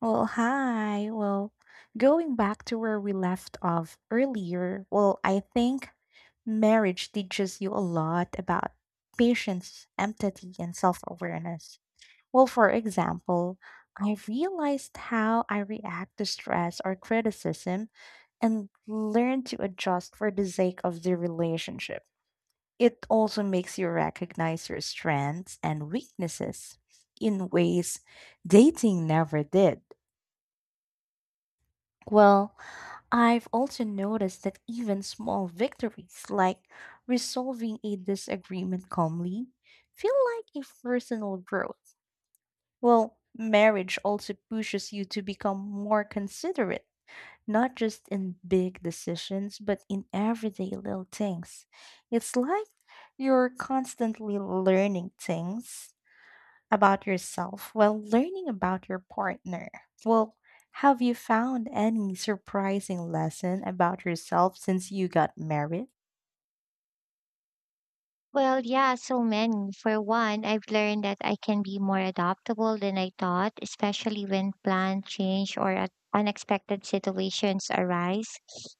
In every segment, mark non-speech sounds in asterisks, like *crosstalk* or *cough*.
Hi. Going back to where we left off earlier, I think marriage teaches you a lot about patience, empathy, and self awareness. For example, I realized how I react to stress or criticism and learn to adjust for the sake of the relationship. It also makes you recognize your strengths and weaknesses in ways dating never did. Well, I've also noticed that even small victories, like resolving a disagreement calmly, feel like a personal growth. Marriage also pushes you to become more considerate, not just in big decisions, but in everyday little things. It's like you're constantly learning things about yourself while learning about your partner. Well, have you found any surprising lesson about yourself since you got married? Well, yeah, so many. For one, I've learned that I can be more adaptable than I thought, especially when plan change or unexpected situations arise.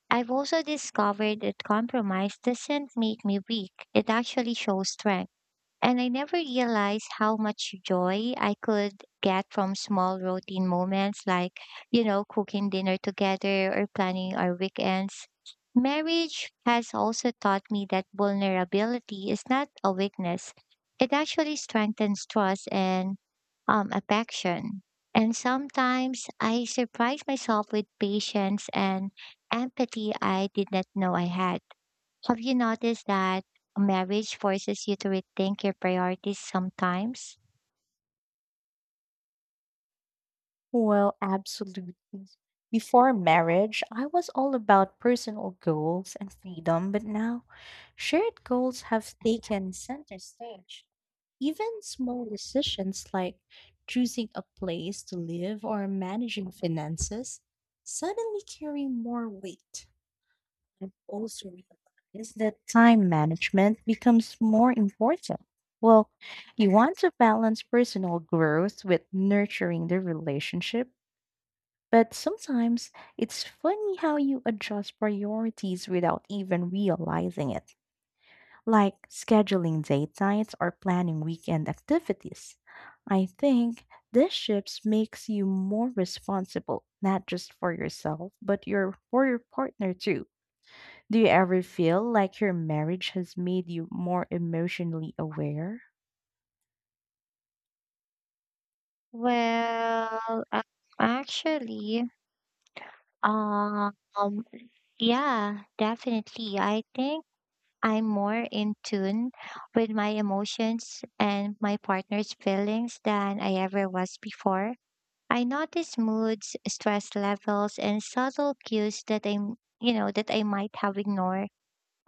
I've also discovered that compromise doesn't make me weak. It actually shows strength. And I never realized how much joy I could get from small routine moments like, cooking dinner together or planning our weekends. Marriage has also taught me that vulnerability is not a weakness. It actually strengthens trust and affection. And sometimes I surprise myself with patience and empathy I did not know I had. Have you noticed that marriage forces you to rethink your priorities sometimes? Absolutely. Before marriage, I was all about personal goals and freedom, but now shared goals have taken center stage. Even small decisions like choosing a place to live or managing finances suddenly carry more weight. I've also realized that time management becomes more important. Well, you want to balance personal growth with nurturing the relationship, but sometimes it's funny how you adjust priorities without even realizing it, like scheduling date nights or planning weekend activities. I think this shifts makes you more responsible, not just for yourself, but your for your partner too. Do you ever feel like your marriage has made you more emotionally aware? Well, a- actually, um, yeah, definitely. I think I'm more in tune with my emotions and my partner's feelings than I ever was before. I notice moods, stress levels, and subtle cues that I'm, you know, that I might have ignored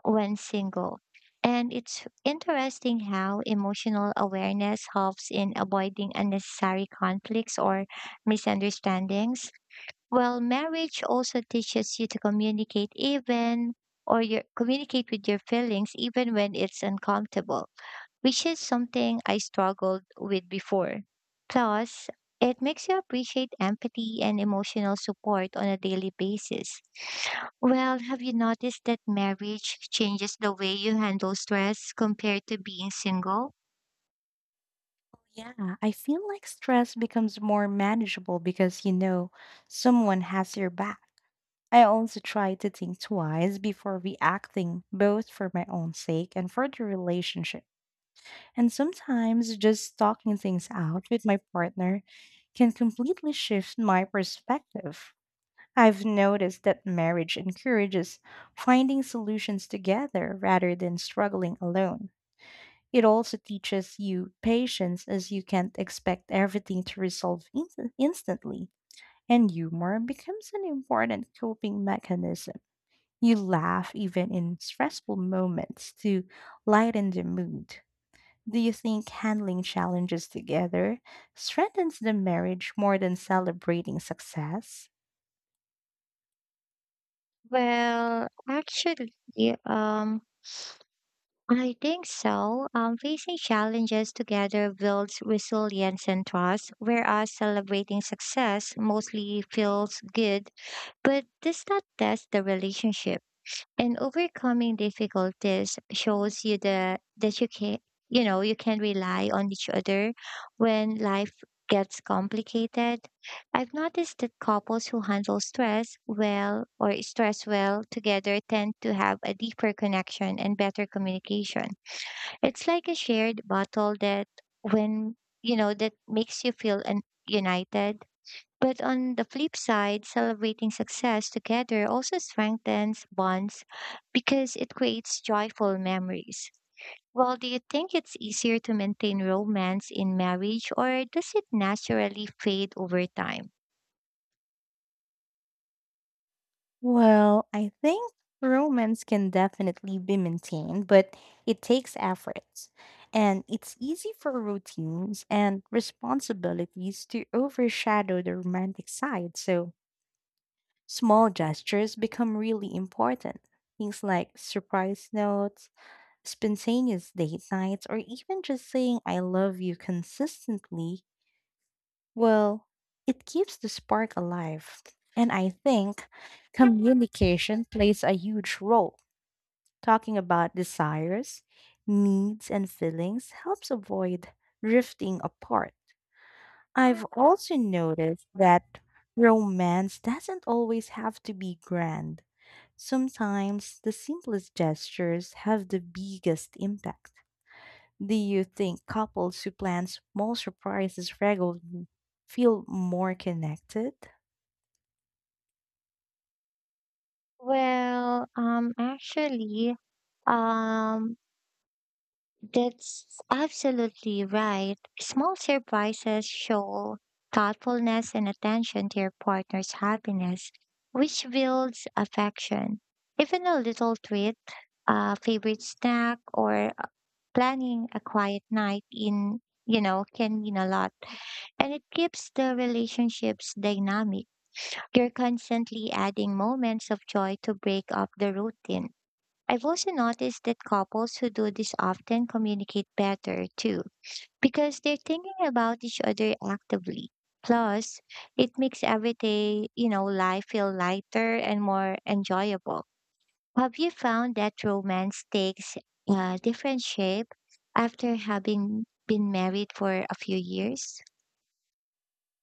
when single. And it's interesting how emotional awareness helps in avoiding unnecessary conflicts or misunderstandings. Well, marriage also teaches you to communicate communicate with your feelings even when it's uncomfortable, which is something I struggled with before. Plus, it makes you appreciate empathy and emotional support on a daily basis. Well, have you noticed that marriage changes the way you handle stress compared to being single? Yeah, I feel like stress becomes more manageable because you know someone has your back. I also try to think twice before reacting, both for my own sake and for the relationship. And sometimes just talking things out with my partner can completely shift my perspective. I've noticed that marriage encourages finding solutions together rather than struggling alone. It also teaches you patience as you can't expect everything to resolve instantly, and humor becomes an important coping mechanism. You laugh even in stressful moments to lighten the mood. Do you think handling challenges together strengthens the marriage more than celebrating success? Well, actually, um, I think so. Facing challenges together builds resilience and trust, whereas celebrating success mostly feels good, but does not test the relationship. And overcoming difficulties shows you the that you can you know you can rely on each other when life gets complicated. I've noticed that couples who handle stress well or stress well together tend to have a deeper connection and better communication. It's like a shared battle when, that makes you feel united. But on the flip side, celebrating success together also strengthens bonds because it creates joyful memories. Well, do you think it's easier to maintain romance in marriage or does it naturally fade over time? I think romance can definitely be maintained, but it takes effort. And it's easy for routines and responsibilities to overshadow the romantic side. So small gestures become really important. Things like surprise notes, spontaneous date nights, or even just saying I love you consistently well, it keeps the spark alive. And I think communication plays a huge role. Talking about desires, needs, and feelings helps avoid drifting apart. I've also noticed that romance doesn't always have to be grand. Sometimes the simplest gestures have the biggest impact. Do you think couples who plan small surprises regularly feel more connected? Well, um, actually, um, That's absolutely right. Small surprises show thoughtfulness and attention to your partner's happiness, which builds affection. Even a little treat, a favorite snack, or planning a quiet night in can mean a lot, and it keeps the relationships dynamic. You're constantly adding moments of joy to break up the routine. I've also noticed that couples who do this often communicate better too, because they're thinking about each other actively. Plus, it makes everyday life feel lighter and more enjoyable. Have you found that romance takes a different shape after having been married for a few years?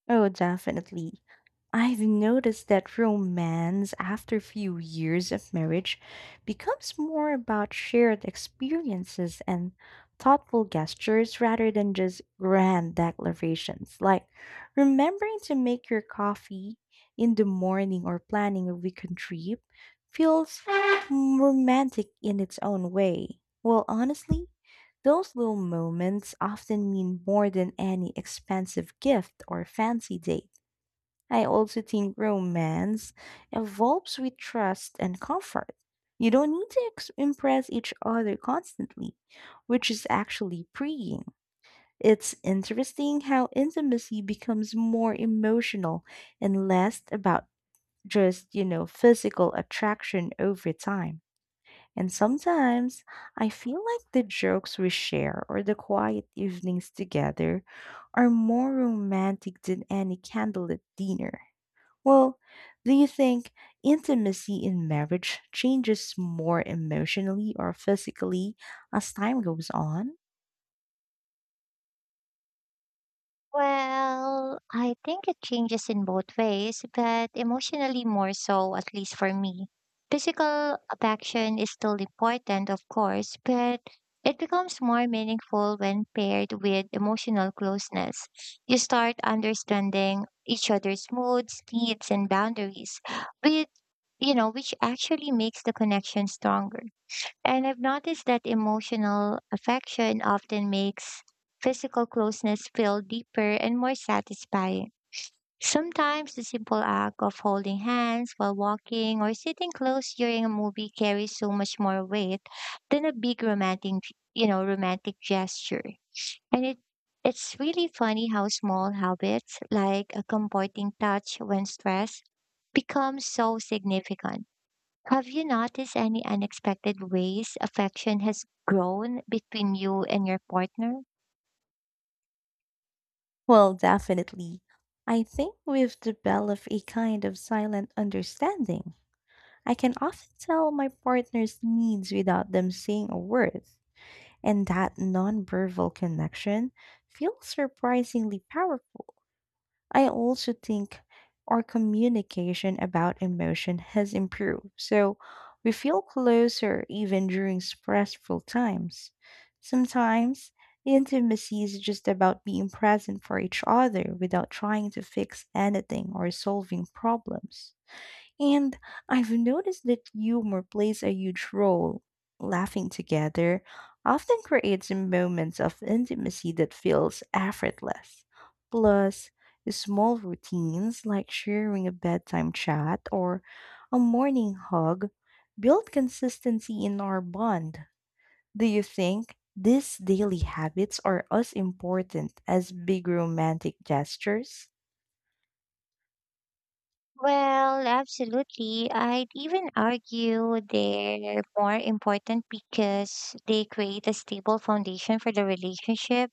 Oh, definitely. I've noticed that romance after a few years of marriage becomes more about shared experiences and thoughtful gestures rather than just grand declarations like remembering to make your coffee in the morning or planning a weekend trip feels romantic in its own way. Honestly, those little moments often mean more than any expensive gift or fancy date. I also think romance evolves with trust and comfort. You don't need to impress each other constantly, which is actually freeing. It's interesting how intimacy becomes more emotional and less about just, you know, physical attraction over time. And sometimes I feel like the jokes we share or the quiet evenings together are more romantic than any candlelit dinner. Well, do you think intimacy in marriage changes more emotionally or physically as time goes on? Well, I think it changes in both ways, but emotionally more so, at least for me. Physical affection is still important, of course, but it becomes more meaningful when paired with emotional closeness. You start understanding each other's moods, needs, and boundaries, *gasps* with, you know, which actually makes the connection stronger. And I've noticed that emotional affection often makes physical closeness feel deeper and more satisfying. Sometimes the simple act of holding hands while walking or sitting close during a movie carries so much more weight than a big romantic gesture. And it's really funny how small habits like a comforting touch when stressed become so significant. Have you noticed any unexpected ways affection has grown between you and your partner? Definitely. I think we've developed a kind of silent understanding. I can often tell my partner's needs without them saying a word, and that nonverbal connection feels surprisingly powerful. I also think our communication about emotion has improved, so we feel closer even during stressful times. Sometimes intimacy is just about being present for each other without trying to fix anything or solving problems. And I've noticed that humor plays a huge role. Laughing together often creates moments of intimacy that feels effortless. Plus, small routines like sharing a bedtime chat or a morning hug build consistency in our bond. Do you think these daily habits are as important as big romantic gestures? Well, absolutely. I'd even argue they're more important because they create a stable foundation for the relationship.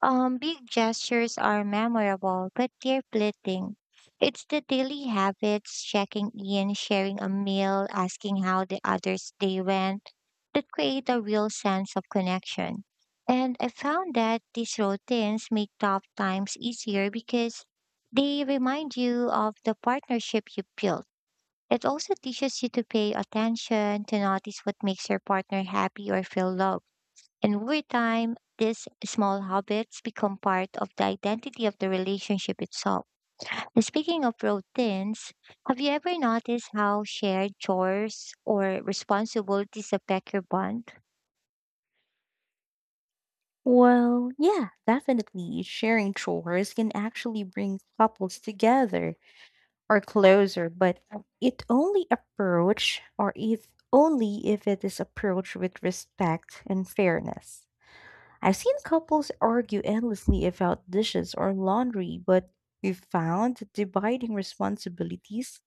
Big gestures are memorable, but they're fleeting. It's the daily habits, checking in, sharing a meal, asking how the others' day went, that create a real sense of connection. And I found that these routines make tough times easier because they remind you of the partnership you built. It also teaches you to pay attention, to notice what makes your partner happy or feel loved. And over time, these small habits become part of the identity of the relationship itself. And speaking of routines, have you ever noticed how shared chores or responsibilities affect your bond? Yeah, definitely. Sharing chores can actually bring couples together or closer, but it only approach or if only if it is approached with respect and fairness. I've seen couples argue endlessly about dishes or laundry, but we found that dividing responsibilities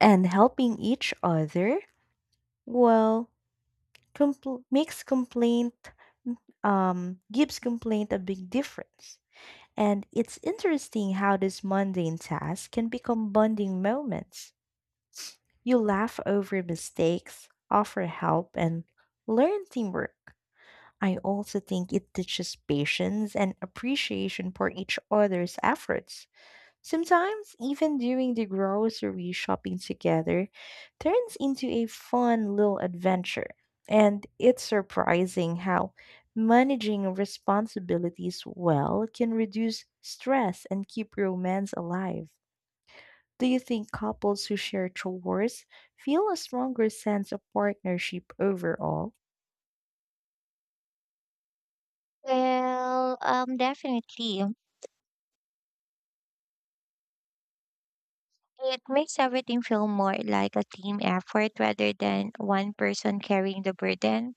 and helping each other, well, makes complaint mm, gives complaint a big difference. And it's interesting how these mundane tasks can become bonding moments. You laugh over mistakes, offer help, and learn teamwork. I also think it teaches patience and appreciation for each other's efforts. Sometimes, even doing the grocery shopping together turns into a fun little adventure. And it's surprising how managing responsibilities well can reduce stress and keep romance alive. Do you think couples who share chores feel a stronger sense of partnership overall? Definitely. It makes everything feel more like a team effort rather than one person carrying the burden.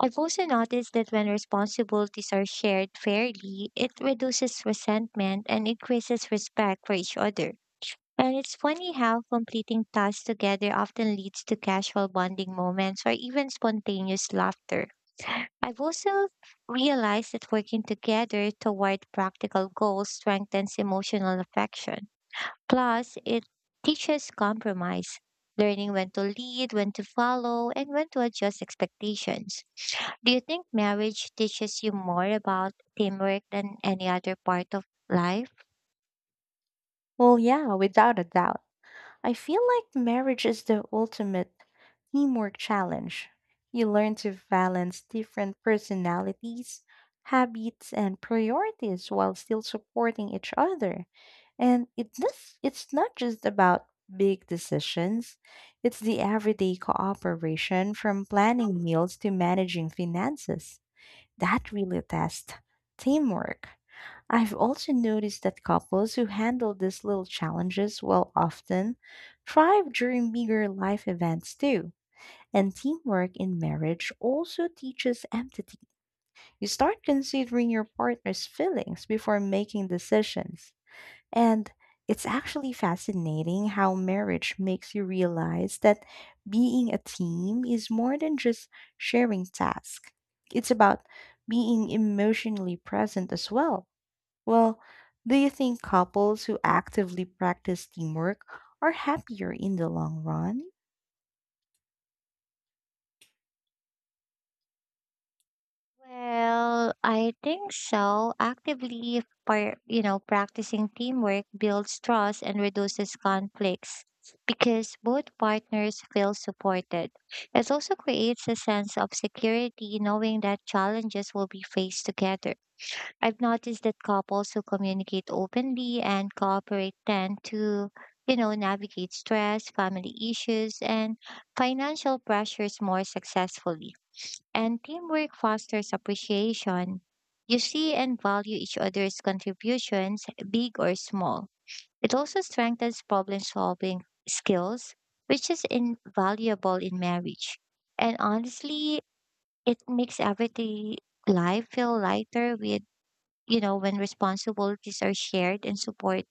I've also noticed that when responsibilities are shared fairly, it reduces resentment and increases respect for each other. And it's funny how completing tasks together often leads to casual bonding moments or even spontaneous laughter. I've also realized that working together toward practical goals strengthens emotional affection. Plus, it teaches compromise, learning when to lead, when to follow, and when to adjust expectations. Do you think marriage teaches you more about teamwork than any other part of life? Yeah, without a doubt. I feel like marriage is the ultimate teamwork challenge. You learn to balance different personalities, habits, and priorities while still supporting each other. And it does, it's not just about big decisions, it's the everyday cooperation from planning meals to managing finances. That really tests teamwork. I've also noticed that couples who handle these little challenges well often thrive during bigger life events too. And teamwork in marriage also teaches empathy. You start considering your partner's feelings before making decisions. And it's actually fascinating how marriage makes you realize that being a team is more than just sharing tasks. It's about being emotionally present as well. Well, do you think couples who actively practice teamwork are happier in the long run? Well, I think so. Actively, par- you know, practicing teamwork builds trust and reduces conflicts because both partners feel supported. It also creates a sense of security knowing that challenges will be faced together. I've noticed that couples who communicate openly and cooperate tend to, navigate stress, family issues, and financial pressures more successfully, and teamwork fosters appreciation. You see and value each other's contributions, big or small. It also strengthens problem solving skills, which is invaluable in marriage. And honestly, it makes everyday life feel lighter when responsibilities are shared and support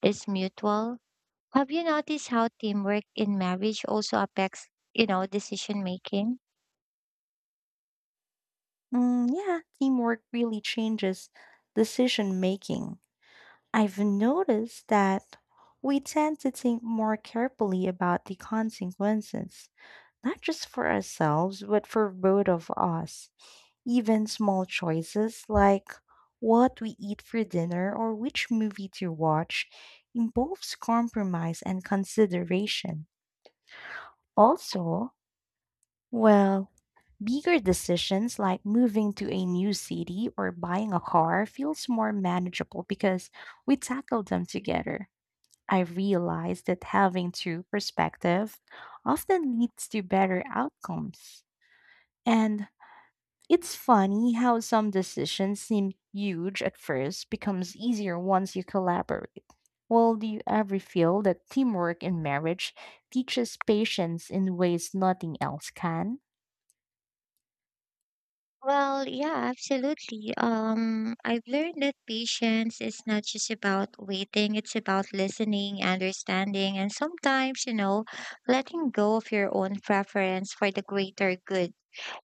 is mutual. Have you noticed how teamwork in marriage also affects, decision making? Yeah, teamwork really changes decision making. I've noticed that we tend to think more carefully about the consequences, not just for ourselves, but for both of us. Even small choices like what we eat for dinner or which movie to watch involves compromise and consideration. Also, well, bigger decisions like moving to a new city or buying a car feels more manageable because we tackle them together. I realized that having two perspectives often leads to better outcomes. And it's funny how some decisions seem huge at first becomes easier once you collaborate. Do you ever feel that teamwork in marriage teaches patience in ways nothing else can? Well, yeah, absolutely. I've learned that patience is not just about waiting, it's about listening, understanding, and sometimes, letting go of your own preference for the greater good.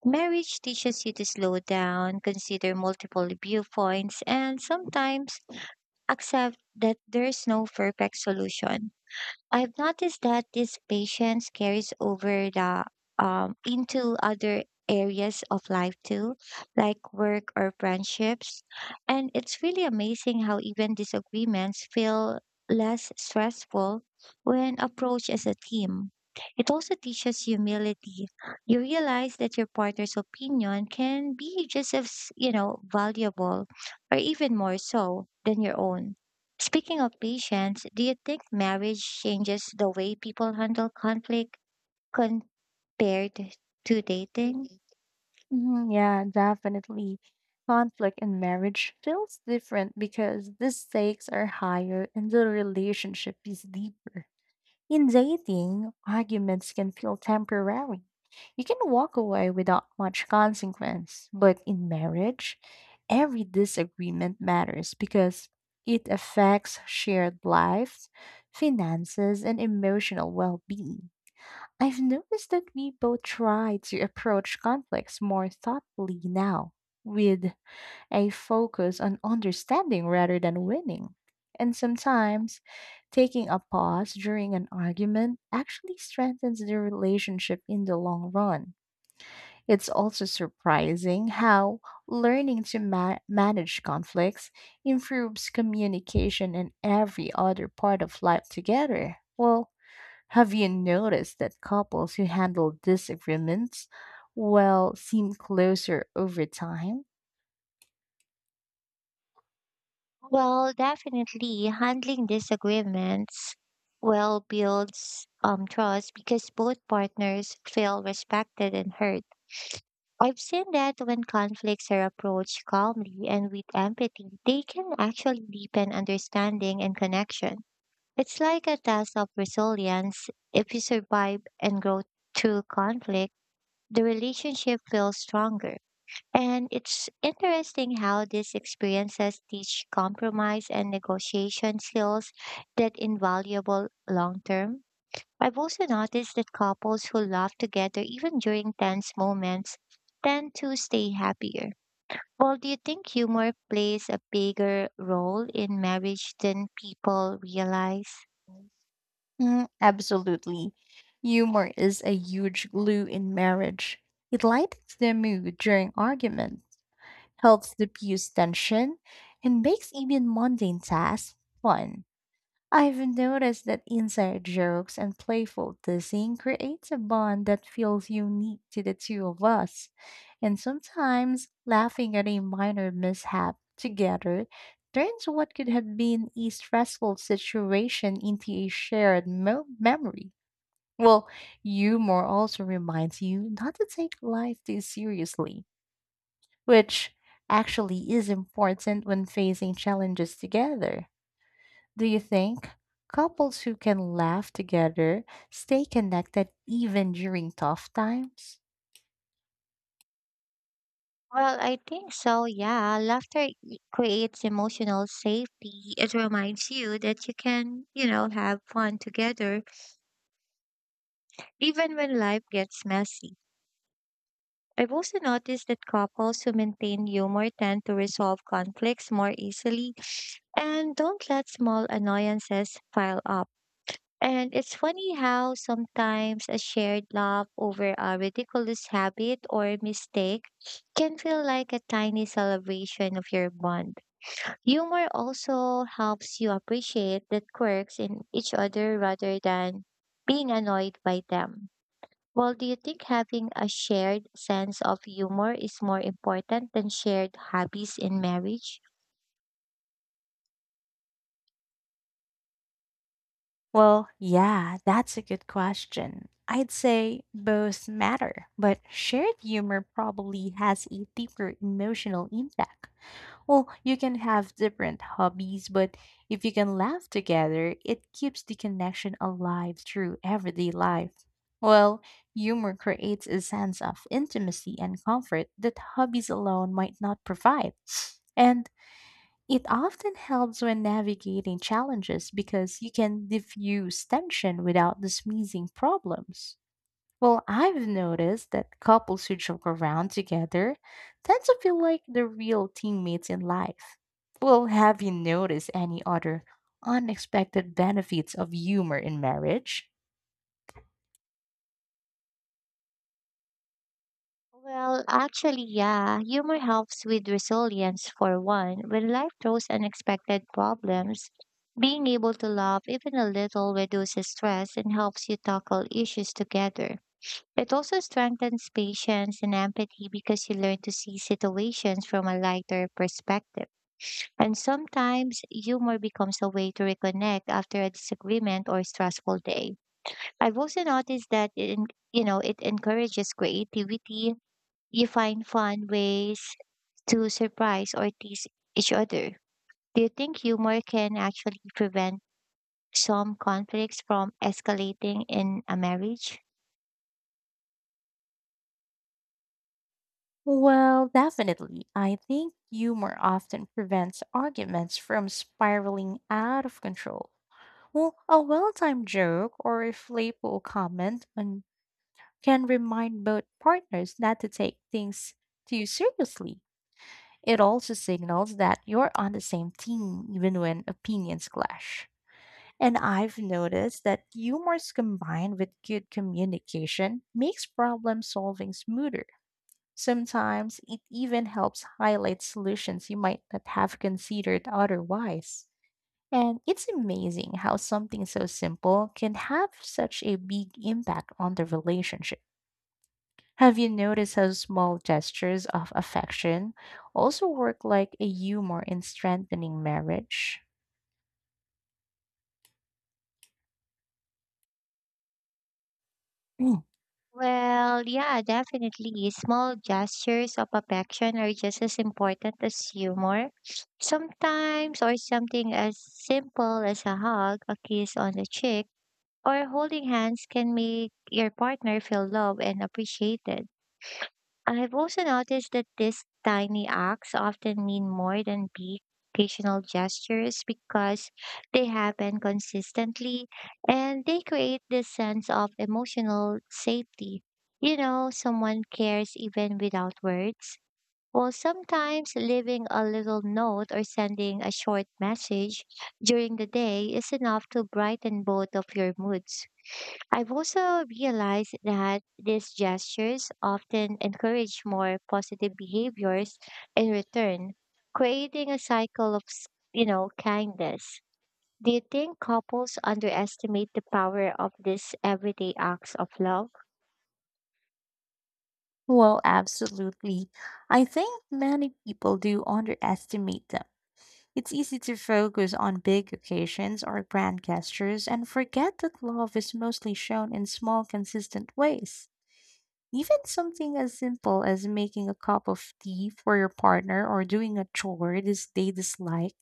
Marriage teaches you to slow down, consider multiple viewpoints, and sometimes accept that there's no perfect solution. I've noticed that this patience carries over the into other areas of life too, like work or friendships. And it's really amazing how even disagreements feel less stressful when approached as a team. It also teaches humility. You realize that your partner's opinion can be just as, valuable or even more so than your own. Speaking of patience, do you think marriage changes the way people handle conflict compared to dating? Mhm, yeah, definitely. Conflict in marriage feels different because the stakes are higher and the relationship is deeper. In dating, arguments can feel temporary. You can walk away without much consequence, but in marriage, every disagreement matters because it affects shared lives, finances, and emotional well being. I've noticed that we both try to approach conflicts more thoughtfully now, with a focus on understanding rather than winning. And sometimes, taking a pause during an argument actually strengthens the relationship in the long run. It's also surprising how learning to manage conflicts improves communication in every other part of life together. Have you noticed that couples who handle disagreements well seem closer over time? Well, definitely handling disagreements well builds trust because both partners feel respected and heard. I've seen that when conflicts are approached calmly and with empathy, they can actually deepen understanding and connection. It's like a test of resilience. If you survive and grow through conflict, the relationship feels stronger. And it's interesting how these experiences teach compromise and negotiation skills that invaluable long term. I've also noticed that couples who laugh together even during tense moments tend to stay happier. Well, do you think humor plays a bigger role in marriage than people realize? Mm, absolutely. Humor is a huge glue in marriage. It lightens the mood during argument, helps diffuse tension, and makes even mundane tasks fun. I've noticed that inside jokes and playful teasing creates a bond that feels unique to the two of us. And sometimes laughing at a minor mishap together turns what could have been a stressful situation into a shared memory. Well, Humor also reminds you not to take life too seriously, which actually is important when facing challenges together. Do you think couples who can laugh together stay connected even during tough times? Well, I think so. Yeah. Laughter creates emotional safety. It reminds you that you can, have fun together even when life gets messy. I've also noticed that couples who maintain humor tend to resolve conflicts more easily and don't let small annoyances pile up. And it's funny how sometimes a shared laugh over a ridiculous habit or mistake can feel like a tiny celebration of your bond. Humor also helps you appreciate the quirks in each other rather than being annoyed by them. Well, do you think having a shared sense of humor is more important than shared hobbies in marriage? Yeah, that's a good question. I'd say both matter, but shared humor probably has a deeper emotional impact. You can have different hobbies, but if you can laugh together, it keeps the connection alive through everyday life. Well, Humor creates a sense of intimacy and comfort that hobbies alone might not provide. And it often helps when navigating challenges because you can diffuse tension without dismissing problems. I've noticed that couples who joke around together tend to feel like the real teammates in life. Have you noticed any other unexpected benefits of humor in marriage? Well, actually, yeah. Humor helps with resilience for one. When life throws unexpected problems, being able to laugh even a little reduces stress and helps you tackle issues together. It also strengthens patience and empathy because you learn to see situations from a lighter perspective. And sometimes humor becomes a way to reconnect after a disagreement or stressful day. I've also noticed that it encourages creativity. You find fun ways to surprise or tease each other. Do you think humor can actually prevent some conflicts from escalating in a marriage? Definitely. I think humor often prevents arguments from spiraling out of control. A well timed joke or a playful comment can remind both partners not to take things too seriously. It also signals that you're on the same team even when opinions clash. And I've noticed that humor combined with good communication makes problem solving smoother. Sometimes it even helps highlight solutions you might not have considered otherwise. And it's amazing how something so simple can have such a big impact on the relationship. Have you noticed how small gestures of affection also work like a humor in strengthening marriage? Mm. Well, yeah, definitely. Small gestures of affection are just as important as humor. Sometimes, or something as simple as a hug, a kiss on the cheek, or holding hands can make your partner feel loved and appreciated. I've also noticed that these tiny acts often mean more than big occasional gestures because they happen consistently and they create this sense of emotional safety. You know someone cares even without words. Well, sometimes leaving a little note or sending a short message during the day is enough to brighten both of your moods. I've also realized that these gestures often encourage more positive behaviors in return, creating a cycle of kindness. Do you think couples underestimate the power of these everyday acts of love? Absolutely. I think many people do underestimate them. It's easy to focus on big occasions or grand gestures and forget that love is mostly shown in small, consistent ways. Even something as simple as making a cup of tea for your partner or doing a chore this they dislike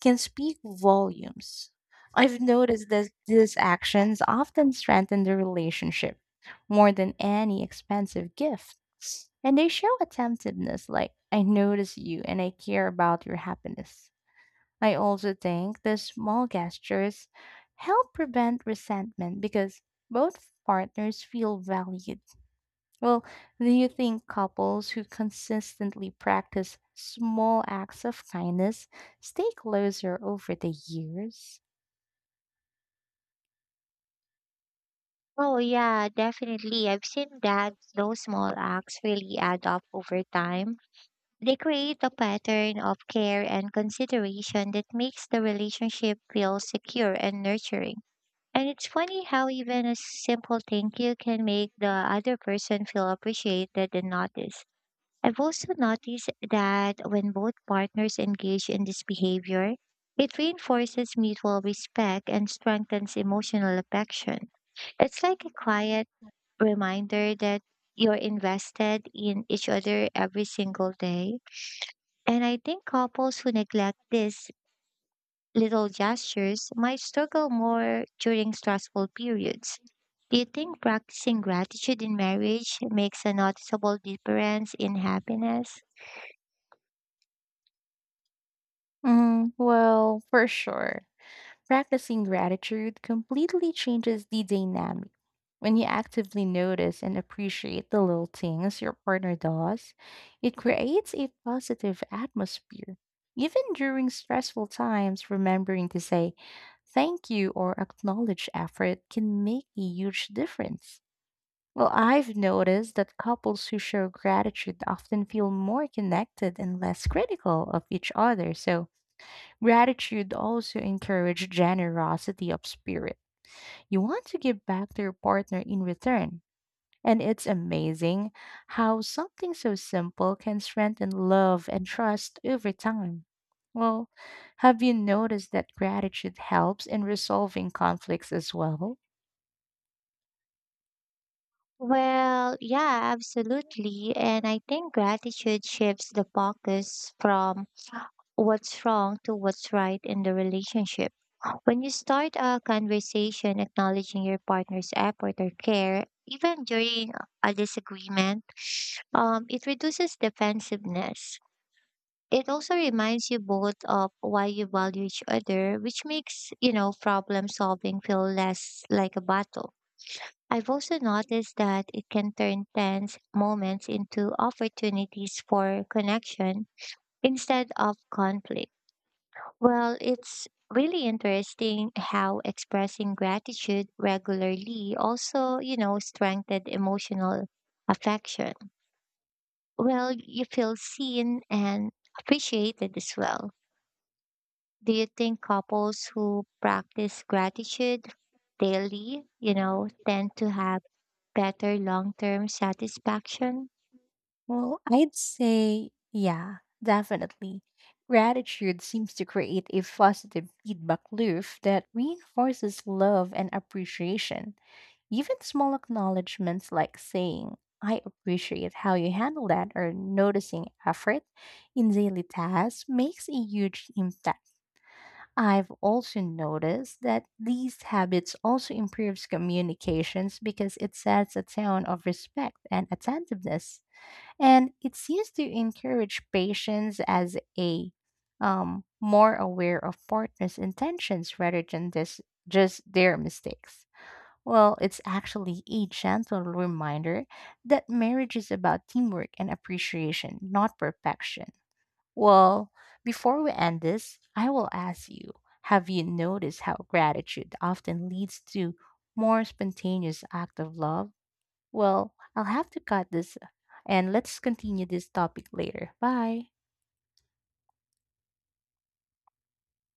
can speak volumes. I've noticed that these actions often strengthen the relationship more than any expensive gift. And they show attentiveness, like, I notice you and I care about your happiness. I also think the small gestures help prevent resentment because both partners feel valued. Well, do you think couples who consistently practice small acts of kindness stay closer over the years? Oh yeah, definitely. I've seen that those small acts really add up over time. They create a pattern of care and consideration that makes the relationship feel secure and nurturing. And it's funny how even a simple thank you can make the other person feel appreciated and noticed. I've also noticed that when both partners engage in this behavior, it reinforces mutual respect and strengthens emotional affection. It's like a quiet reminder that you're invested in each other every single day. And I think couples who neglect this little gestures might struggle more during stressful periods. Do you think practicing gratitude in marriage makes a noticeable difference in happiness? For sure. Practicing gratitude completely changes the dynamic. When you actively notice and appreciate the little things your partner does, it creates a positive atmosphere. Even during stressful times, remembering to say, thank you or acknowledge effort can make a huge difference. I've noticed that couples who show gratitude often feel more connected and less critical of each other. So, gratitude also encourages generosity of spirit. You want to give back to your partner in return. And it's amazing how something so simple can strengthen love and trust over time. Well, have you noticed that gratitude helps in resolving conflicts as well? Well, yeah, absolutely. And I think gratitude shifts the focus from what's wrong to what's right in the relationship. When you start a conversation acknowledging your partner's effort or care, even during a disagreement, it reduces defensiveness. It also reminds you both of why you value each other, which makes, problem solving feel less like a battle. I've also noticed that it can turn tense moments into opportunities for connection instead of conflict. Well, it's really interesting how expressing gratitude regularly also, strengthened emotional affection. Well, you feel seen and appreciated as well. Do you think couples who practice gratitude daily, tend to have better long term satisfaction? I'd say, yeah, definitely. Gratitude seems to create a positive feedback loop that reinforces love and appreciation. Even small acknowledgments like saying, I appreciate how you handle that, or noticing effort in daily tasks makes a huge impact. I've also noticed that these habits also improves communications because it sets a tone of respect and attentiveness. And it seems to encourage patience as a more aware of partners' intentions rather than this, just their mistakes. It's actually a gentle reminder that marriage is about teamwork and appreciation, not perfection. Well, Before we end this, I will ask you, have you noticed how gratitude often leads to more spontaneous act of love? I'll have to cut this and let's continue this topic later. Bye.